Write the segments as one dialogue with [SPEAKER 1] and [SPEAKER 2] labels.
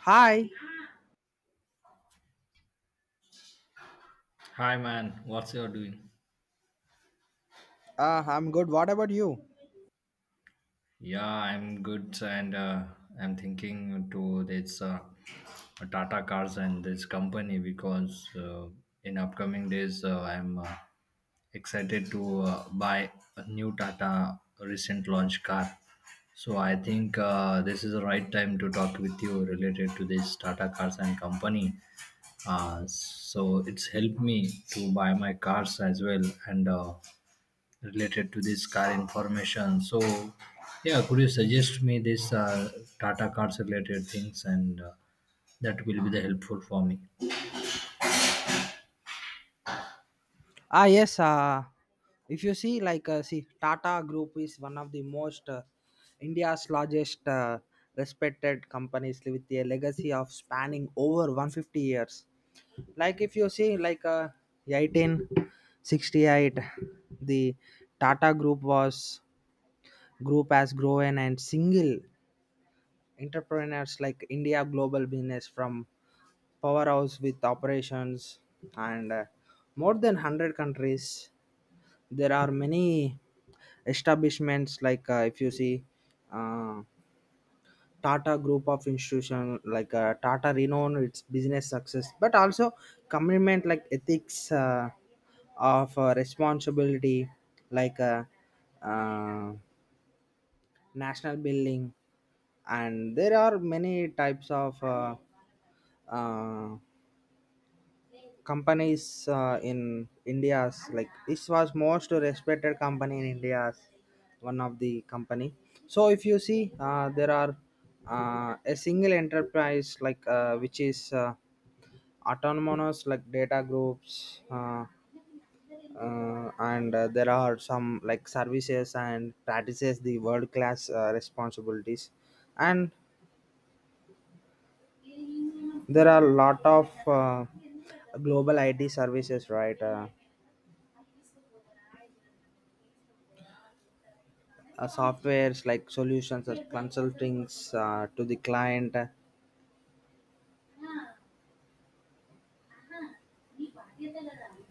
[SPEAKER 1] Hi.
[SPEAKER 2] Hi man, what's you doing?
[SPEAKER 1] Ah, I'm good. What about you?
[SPEAKER 2] Yeah, I'm good and I'm thinking to this Tata Cars and this company because in upcoming days I'm excited to buy a new Tata recent launch car. So I think this is the right time to talk with you related to this Tata Cars and company. So it's helped me to buy my cars as well and related to this car information. So, yeah, could you suggest me this Tata cars related things and that will be the helpful for me.
[SPEAKER 1] Ah, yes. If you see, Tata Group is one of the most India's largest respected companies with a legacy of spanning over 150 years. Like, if you see, 1868, the Tata Group was group has grown and single entrepreneurs like India global business from powerhouse with operations and more than 100 countries. There are many establishments like if you see uh, tata group of institution like tata renowned its business success but also commitment like ethics of responsibility like uh, uh, national building. And there are many types of uh, companies in India's, like this was most respected company in India's, one of the company. So if you see, there are a single enterprise like which is autonomous like data groups. And There are some like services and practices the world class responsibilities, and there are a lot of global IT services, right? Softwares like solutions or consultings to the client.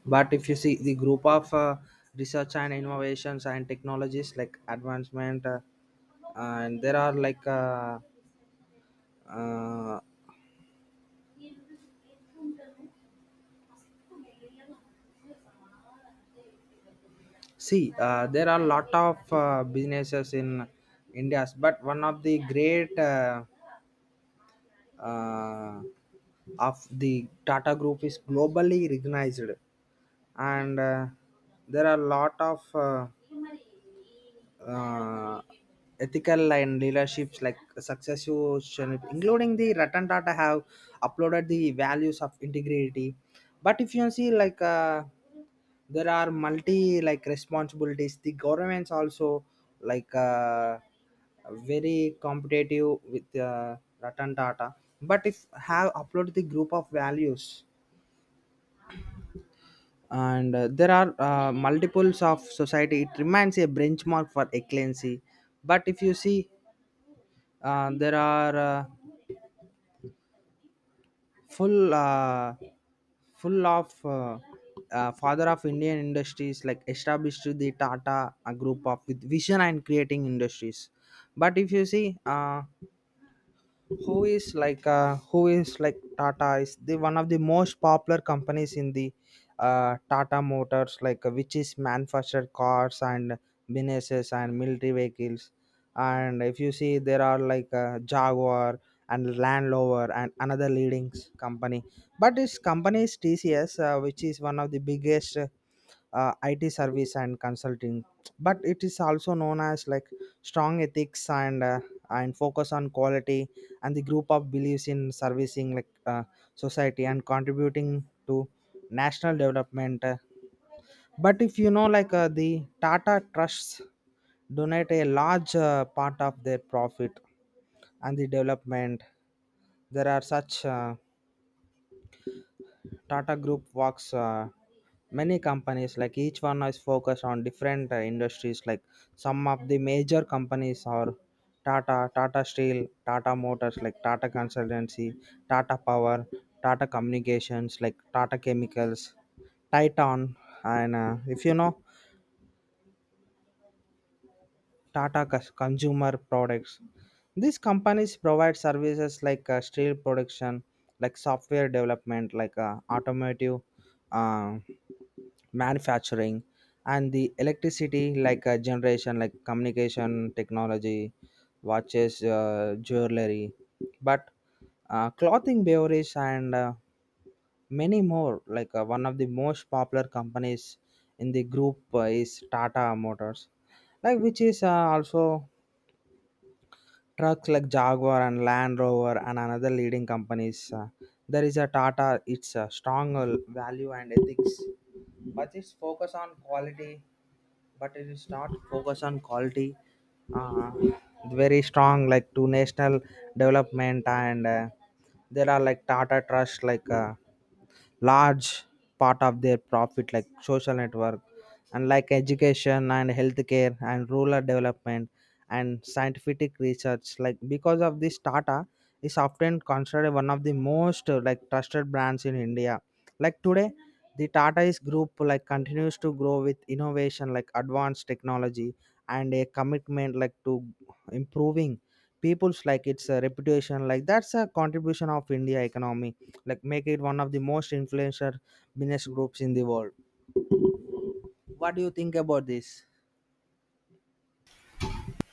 [SPEAKER 1] But if you see the group of research and innovations and technologies like advancement, and there are like uh, see there are a lot of businesses in india's, but one of the great uh, of the tata group is globally recognized. And there are a lot of uh, ethical and leaderships like successful channel- including the Ratan Tata have uploaded the values of integrity. But if you see, there are multi like responsibilities, the governments also, like uh, very competitive with Ratan Tata. But if have uploaded the group of values, and there are multiples of society, it remains a benchmark for excellency. But if you see, there are full full of father of indian industries like established the tata a group of with vision and creating industries. But if you see, who is like tata is the one of the most popular companies in the tata motors, which is manufacture cars and businesses and military vehicles. And if you see, there are jaguar and land rover and another leading company. But this company is tcs, which is one of the biggest IT service and consulting, but it is also known as like strong ethics and focus on quality, and the group of believes in servicing society and contributing to national development. But if you know, the Tata trusts donate a large part of their profit and the development. There are such. Tata Group works many companies, like each one is focused on different industries. Like some of the major companies are Tata, Tata Steel, Tata Motors, like Tata Consultancy, Tata Power, Tata Communications like Tata Chemicals, Titan, and if you know, Tata Cus- Consumer Products. These companies provide services like steel production, like software development, automotive uh, manufacturing, and the electricity like a generation, like communication technology, watches, jewelry, but clothing, beverage, and many more. One of the most popular companies in the group is tata motors, which is also trucks like jaguar and land rover and another leading companies. There is a tata, it's a strong value and ethics, but its focus on quality. But it is not focused on quality, uh, very strong like to national development. And there are like tata trust, large part of their profit like social network and like education and healthcare and rural development and scientific research. Like because of this, tata is often considered one of the most trusted brands in india like today. The tata is group like continues to grow with innovation like advanced technology and a commitment like to improving people's like its reputation like that's a contribution of india economy, like make it one of the most influential business groups in the world. What do you think about this?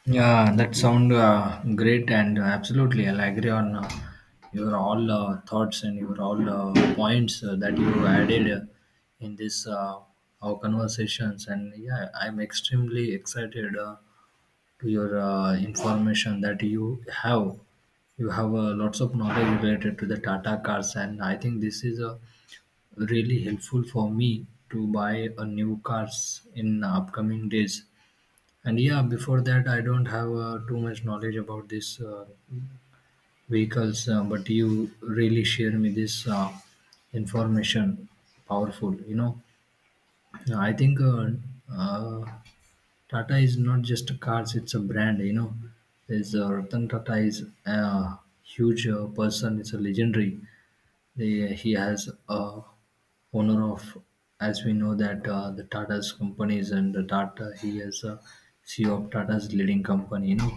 [SPEAKER 2] Yeah, that sound great and absolutely I'll agree on your all thoughts and your all points that you added in this our conversations and yeah, I'm extremely excited. To your information that you have lots of knowledge related to the Tata cars, and I think this is really helpful for me to buy a new cars in upcoming days. And yeah, before that, I don't have too much knowledge about these vehicles, but you really share me this information. Powerful, you know. I think uh, Tata is not just a cars; it's a brand. You know, there's Ratan Tata is a huge person. It's a legendary. He has owner of, as we know that the Tata's companies and the Tata. He is a CEO of Tata's leading company. You know,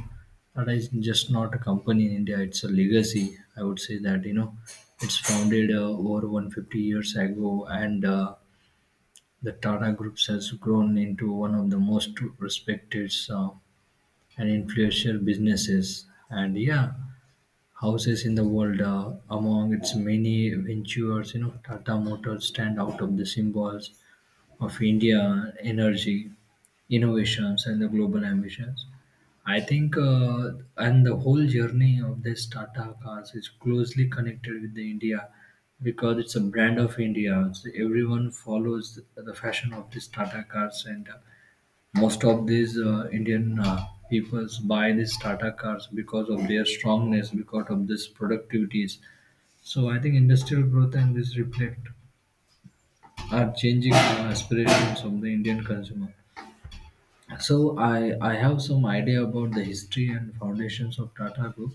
[SPEAKER 2] Tata is just not a company in India. It's a legacy. I would say that you know, it's founded over 150 years ago and. The Tata Group has grown into one of the most respected and influential businesses. And yeah, houses in the world. Among its many ventures, you know, Tata Motors stand out of the symbols of India energy, innovations, and the global ambitions. I think, and the whole journey of this Tata cars is closely connected with the India because it's a brand of India. So everyone follows the fashion of this Tata cars, and most of these Indian peoples buy these Tata cars because of their strongness, because of this productivities. So I think industrial growth and this reflect are changing the aspirations of the Indian consumer. So I have some idea about the history and foundations of Tata Group.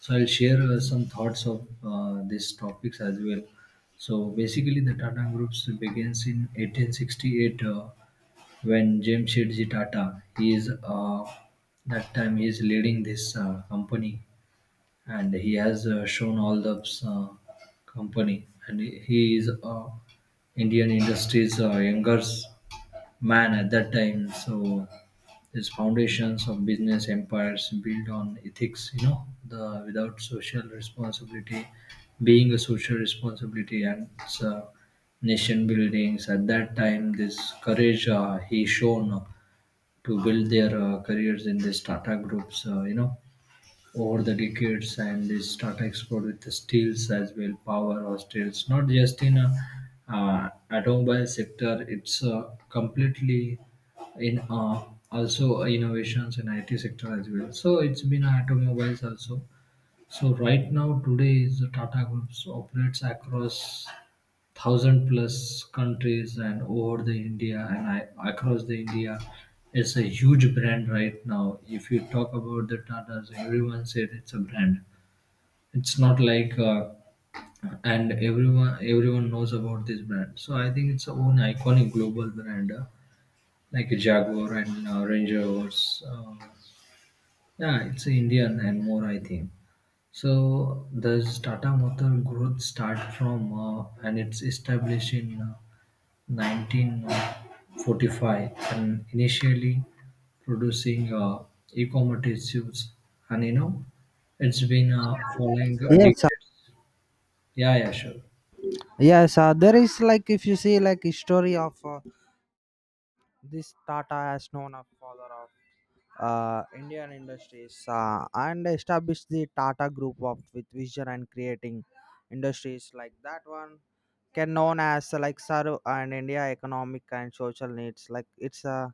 [SPEAKER 2] So I'll share some thoughts of these topics as well. So basically, the Tata Groups begins in 1868 when Jamsetji Tata, he is that time he is leading this company and he has shown all the company and he is indian industry's younger man at that time, so his foundations of business empires built on ethics, you know, the without social responsibility being a social responsibility and uh, nation buildings at that time, this courage he shown to build their careers in this tata groups, you know, over the decades, and they start export with the steels as well, power or steels, not just in a automobile sector, it's completely in also innovations in IT sector as well, so it's been automobiles also. So right now today is the Tata groups operates across thousand plus countries and over the India and across the India. It's a huge brand right now. If you talk about the Tatas, everyone said it's a brand. It's not like and everyone knows about this brand. So I think it's a own iconic global brand like Jaguar and Range Rovers. Yeah, it's Indian and more I think. So this Tata Motor growth start from and it's established in 1945 and initially producing e-commodities, and you know it's been following
[SPEAKER 1] Yes,
[SPEAKER 2] decades. Yeah, yeah, sure.
[SPEAKER 1] yes. There is like if you see like history of this Tata as known as father of Indian industries, and established the Tata Group of with vision and creating industries, like that one can known as like serve and India economic and social needs. Like it's a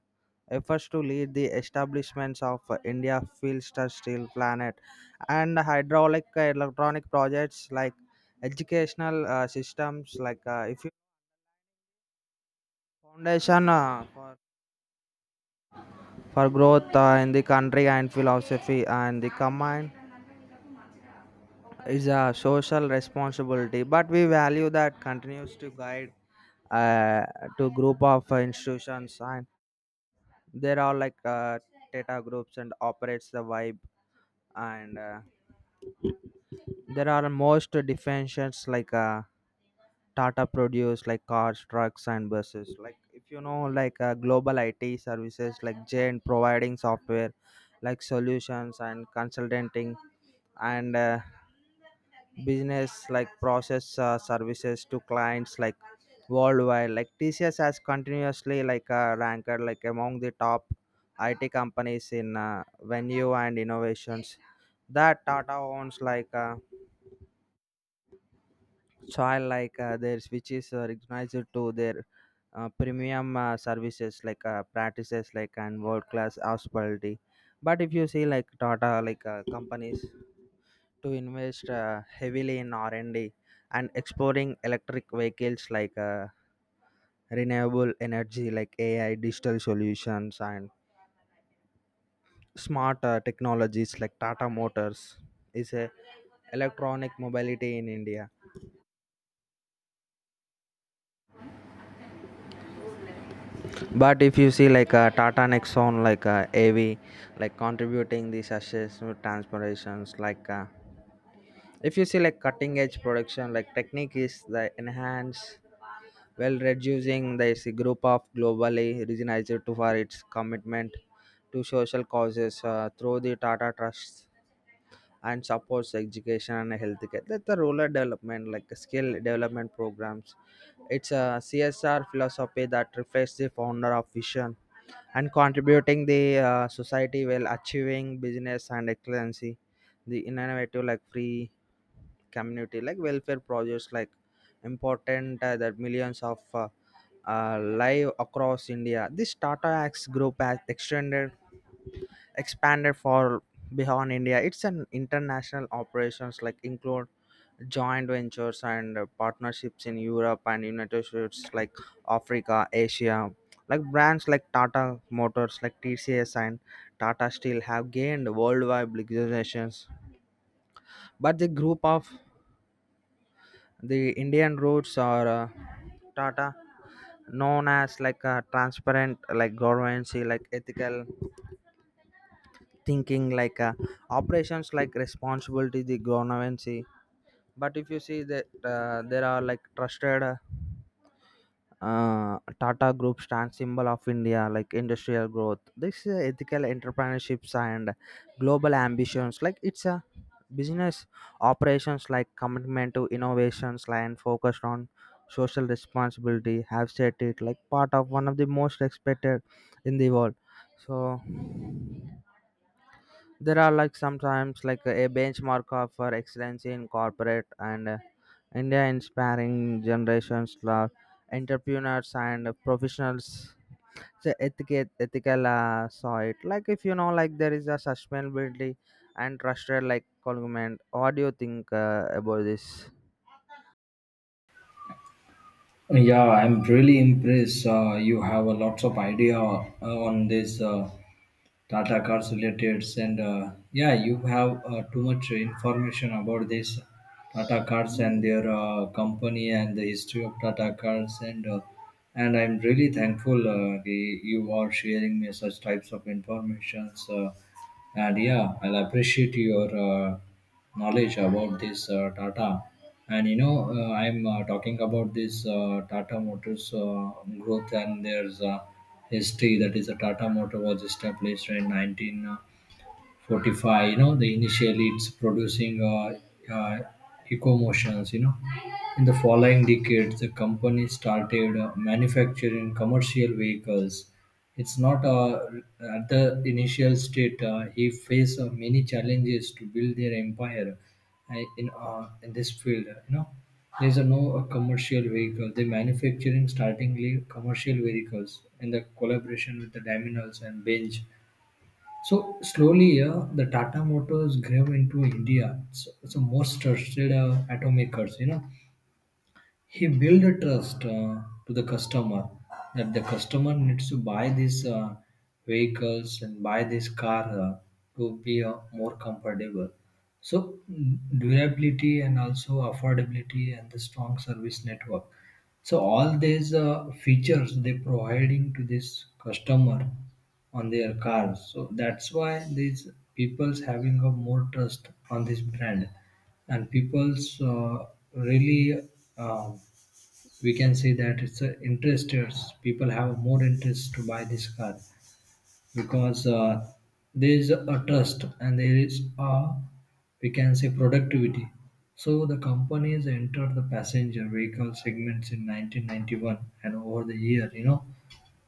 [SPEAKER 1] efforts to lead the establishments of India Filster Steel Planet and hydraulic electronic projects like educational systems. If you foundation for growth in the country and philosophy, and the command is a social responsibility, but we value that continues to guide uh, to group of institutions. And there are data groups and operates the vibe. And there are most defensions tata produce like cars, trucks and buses. Like if you know, global it services like jane providing software like solutions and consulting, and business like process services to clients like worldwide. Like tcs has continuously ranked like among the top it companies in venue and innovations that tata owns, childlike their switches are recognized to their premium services practices like and world class hospitality. But if you see like tata companies to invest heavily in r&d and D and exploring electric vehicles renewable energy like ai digital solutions and smart technologies. Like tata motors is a electronic mobility in india. But if you see like a Tata Nexon, a AV, like contributing these successful transformations, if you see like cutting edge production, like technique is the enhance well reducing this group of globally recognized to for its commitment to social causes through the Tata Trust and supports education and healthcare. That's the rural development, like skill development programs. It's a CSR philosophy that reflects the founder of vision and contributing the society while achieving business and excellency the innovative like free community like welfare projects like important That millions of live across india. This tata acts group has extended expanded for beyond India. It's an international operations like include joint ventures and partnerships in Europe and United States like Africa, Asia. Like brands like Tata Motors, like TCS and Tata Steel have gained worldwide recognitions. But the group of the Indian roots are Tata known as like a transparent like governance like ethical thinking operations like responsibility the governance. But if you see that there are like trusted tata group stands symbol of india like industrial growth, this is ethical entrepreneurships and global ambitions. Like it's a business operations like commitment to innovations and focused on social responsibility have set it like part of one of the most expected in the world. So there are like sometimes like a benchmark of for excellence in corporate, and india inspiring generations of entrepreneurs and professionals the ethical saw it. Like if you know, like there is a sustainability and trusted like government. What do you think about this?
[SPEAKER 2] Yeah, I'm really impressed. You have a lots of idea on this. Tata Cars related, and yeah, you have too much information about this Tata Cars and their company and the history of Tata Cars, and I'm really thankful you are sharing me such types of informations. And yeah, I'll appreciate your knowledge about this Tata. And you know, I'm talking about this Tata Motors growth and there's. History that is the Tata Motor was established in 19 Fortify, you know, the initially it's producing ecomotions, you know. In the following decades, the company started manufacturing commercial vehicles. It's not at the initial state. He faced many challenges to build their empire in this field. You know, there's a no commercial vehicle. They manufacturing startingly commercial vehicles in the collaboration with the Daimler and Benz, so slowly, yeah, the Tata Motors grew into India. It's so most trusted automakers, you know, he built a trust to the customer that the customer needs to buy these vehicles and buy this car to be more comfortable. So mm, durability and also affordability and the strong service network. So all these features they providing to this customer on their cars. So that's why these people's having a more trust on this brand, and people's really uh, we can say that it's a interested. People have more interest to buy this car because there is a trust and there is a we can say productivity. So the companies entered the passenger vehicle segments in 1991, and over the year you know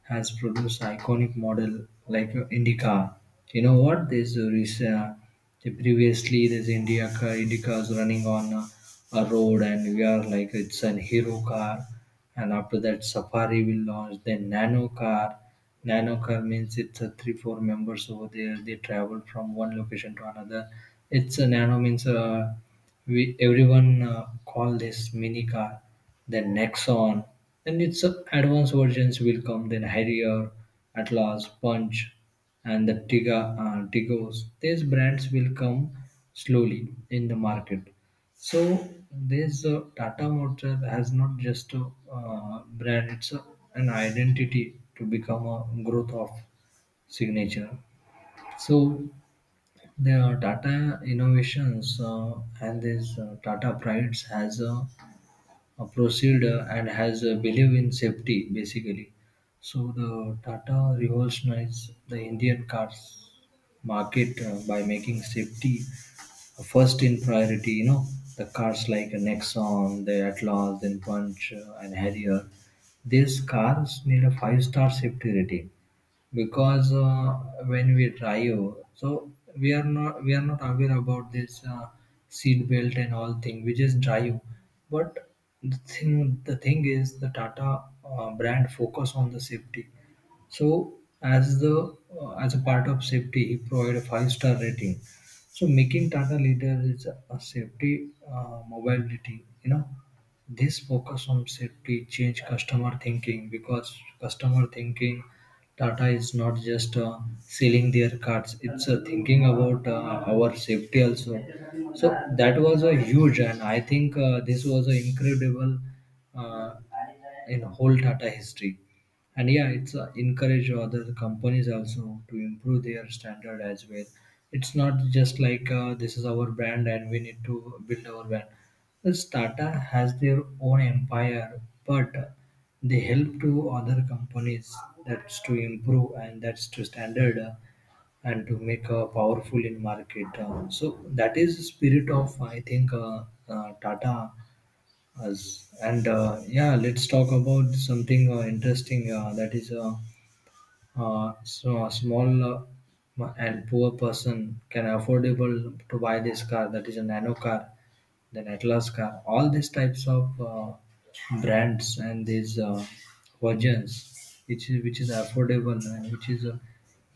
[SPEAKER 2] has produced iconic model like Indica. You know what? There's a recent, previously there's India car, IndyCars running on a road, and we are like it's an hero car. And after that, Safari will launch the Nano car. Nano car means it's a 3 4 members over there. They travel from one location to another. It's a Nano means a we everyone call this mini car, then Nexon, then its advanced versions will come, then Harrier, Atlas, Punch, and the Tiga, Tigos. These brands will come slowly in the market. So this Tata Motor has not just a brand; it's a, an identity to become a growth of signature. So there are Tata Innovations and this Tata Prides has a procedure and has a belief in safety basically. So the Tata revolutionized the Indian cars market by making safety first in priority. You know the cars like Nexon, the Atlas, then Punch, and Harrier. These cars need a five-star safety rating because when we drive, so we are not aware about this seat belt and all thing, we just drive. But the thing is the tata brand focus on the safety. So as the as a part of safety, he provided a five-star rating, so making tata leader is a safety mobility. You know this focus on safety changed customer thinking, because customer thinking Tata is not just selling their cards; it's thinking about our safety also. So that was a huge, and I think this was an incredible uh, in whole Tata history. And yeah, it's encourage other companies also to improve their standard as well. It's not just like this is our brand and we need to build our brand. This tata has their own empire, but they help to other companies that's to improve and that's to standard and to make powerful in market, so that is the spirit of I think tata us. And yeah, let's talk about something interesting that is so a small and poor person can affordable to buy this car, that is a nano car, then atlas car, all these types of brands and these versions, which is affordable and which is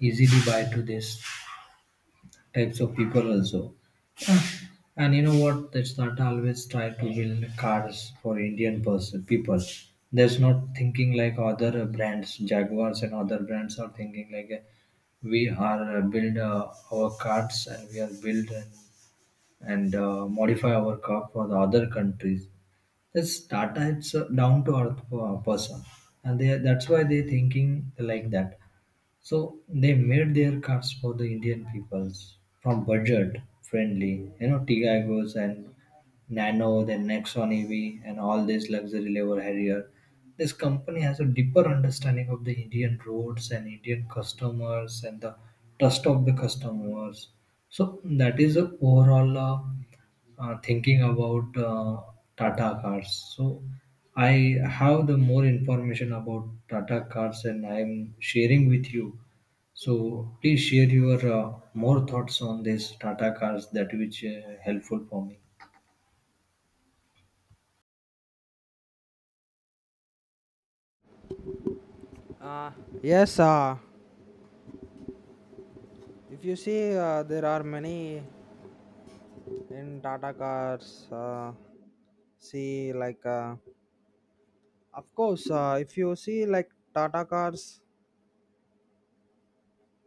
[SPEAKER 2] easily buy to these types of people also. And you know what? That's not always try to build cars for Indian person people. There's not thinking like other brands, Jaguars and other brands are thinking like we are build our cars and we are build and modify our car for the other countries. That's Tata. It's down to earth person, and they that's why they thinking like that. So they made their cards for the Indian peoples from budget friendly, you know, Tigagos and Nano, then Nexon EV, and all these luxury level Harrier. This company has a deeper understanding of the Indian roads and Indian customers and the trust of the customers. So that is the overall. Thinking about Tata cars. So I have the more information about Tata cars, and I am sharing with you. So please share your more thoughts on this Tata cars that which helpful for me.
[SPEAKER 1] Uh, yes, if you see, there are many in Tata cars. Uh, see, like. Of course, if you see like Tata cars,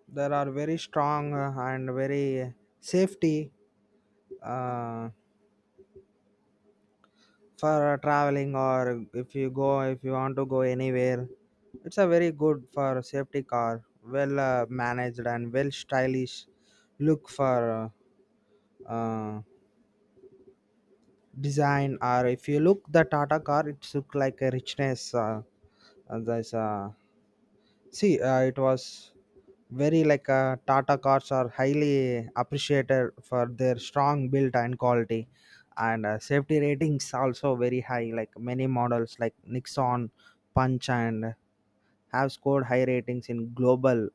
[SPEAKER 1] there are very strong and very safety uh, for traveling, or if you go if you want to go anywhere. It's a very good for safety car, well managed and well stylish look for uh, uh, design. Or if you look the Tata car, it look like a richness. There's a See, it was very Tata cars are highly appreciated for their strong build and quality, and safety ratings also very high. Like many models like Nixon, Punch, and have scored high ratings in global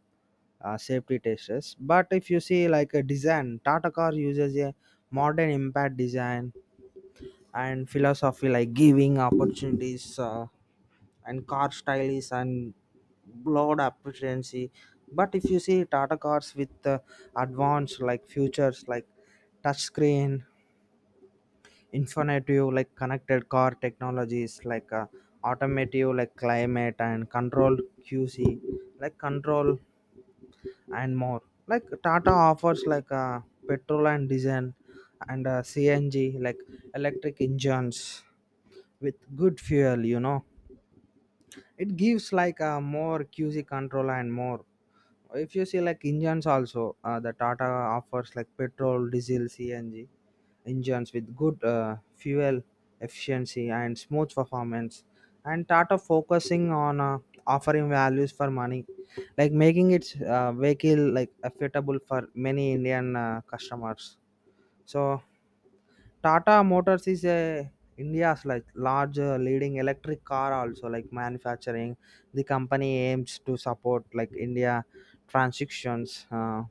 [SPEAKER 1] safety tests. But if you see like a design, Tata car uses a modern impact design and philosophy like giving opportunities. And car style and broad appreciation. But if you see Tata cars with advanced like futures like touchscreen, infinitive like connected car technologies automotive like climate and control QC like control and more. Like Tata offers like petrol and diesel and CNG like electric engines with good fuel, you know it gives like a more QC control and more. If you see like engines also, the Tata offers like petrol, diesel, CNG engines with good fuel efficiency and smooth performance. And Tata focusing on offering values for money, like making its vehicle like affordable for many Indian customers. So Tata Motors is a India's like large leading electric car also like manufacturing. The company aims to support like India transitions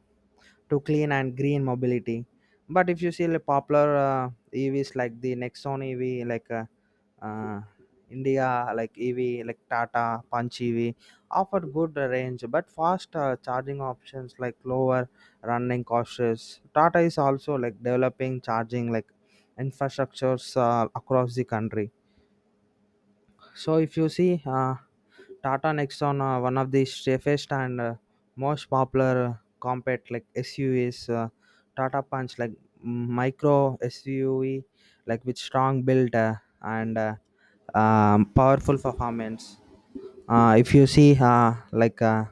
[SPEAKER 1] to clean and green mobility. But if you see the popular EVs like the Nexon EV, Ah, India like EV like Tata Punch EV offer good range but faster charging options like lower running costs. Tata is also like developing charging like infrastructures across the country. So if you see Tata Nexon, one of the safest and most popular compact like SUVs, Tata Punch like micro SUV like with strong build and powerful performance. If you see like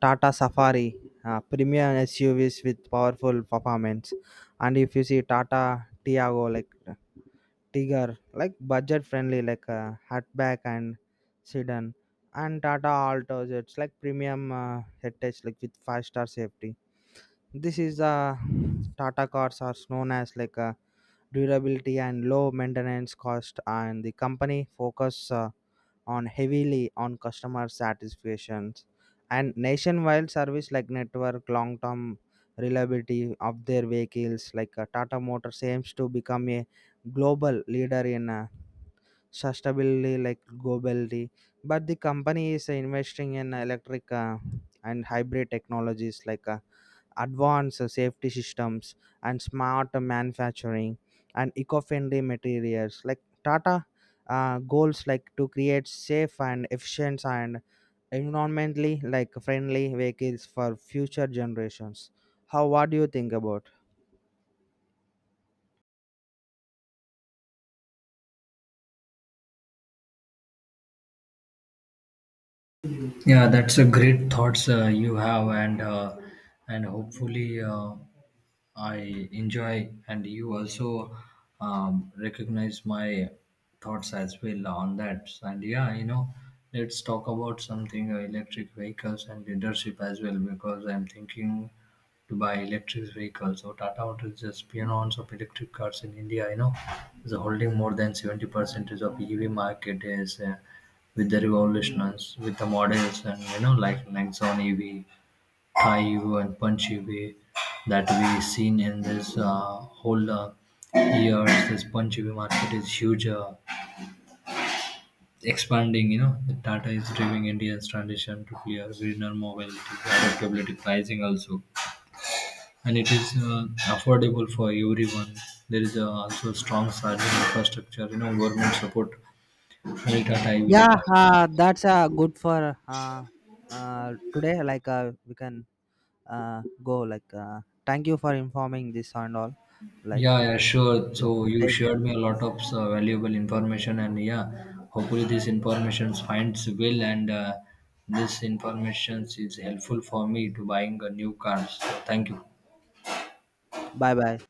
[SPEAKER 1] Tata Safari, premium SUVs with powerful performance. And if you see Tata Tiago like Tiger, like budget friendly, hatchback and sedan, and Tata Altos. It's like premium heritage, like with 5-star safety. This is Tata cars are known as durability and low maintenance cost, and the company focus on heavily on customer satisfactions and nationwide service like network long term reliability of their vehicles. Tata motors aims to become a global leader in sustainability like globally, but the company is investing in electric and hybrid technologies advanced safety systems and smart manufacturing and eco-friendly materials. Like tata goals like to create safe and efficient and environmentally like friendly vehicles for future generations. How what do you think about?
[SPEAKER 2] Yeah, that's a great thoughts you have, and and hopefully I enjoy, and you also recognize my thoughts as well on that. And yeah, you know, let's talk about something electric vehicles and leadership as well, because I'm thinking to buy electric vehicles. So Tata Motors is just pioners of electric cars in India. You know, is holding more than 70% of EV market is. With the revolutionaries, with the models and you know like Nexon EV, Thai EV and Punch EV that we seen in this whole years. This Punch EV market is huge, expanding. You know, the Tata is driving India's transition to clear greener mobility, adaptability pricing also, and it is affordable for everyone. There is also strong charging infrastructure. You know, government support. Will Tata EV
[SPEAKER 1] Yeah
[SPEAKER 2] later.
[SPEAKER 1] that's good for today. We can go thank you for informing this and all like
[SPEAKER 2] Yeah,
[SPEAKER 1] uh,
[SPEAKER 2] yeah, sure.
[SPEAKER 1] yeah.
[SPEAKER 2] So you
[SPEAKER 1] Take care.
[SPEAKER 2] shared me a lot of valuable information, and yeah, hopefully this information finds will and this information is helpful for me to buying a new car. So thank you.
[SPEAKER 1] Bye bye.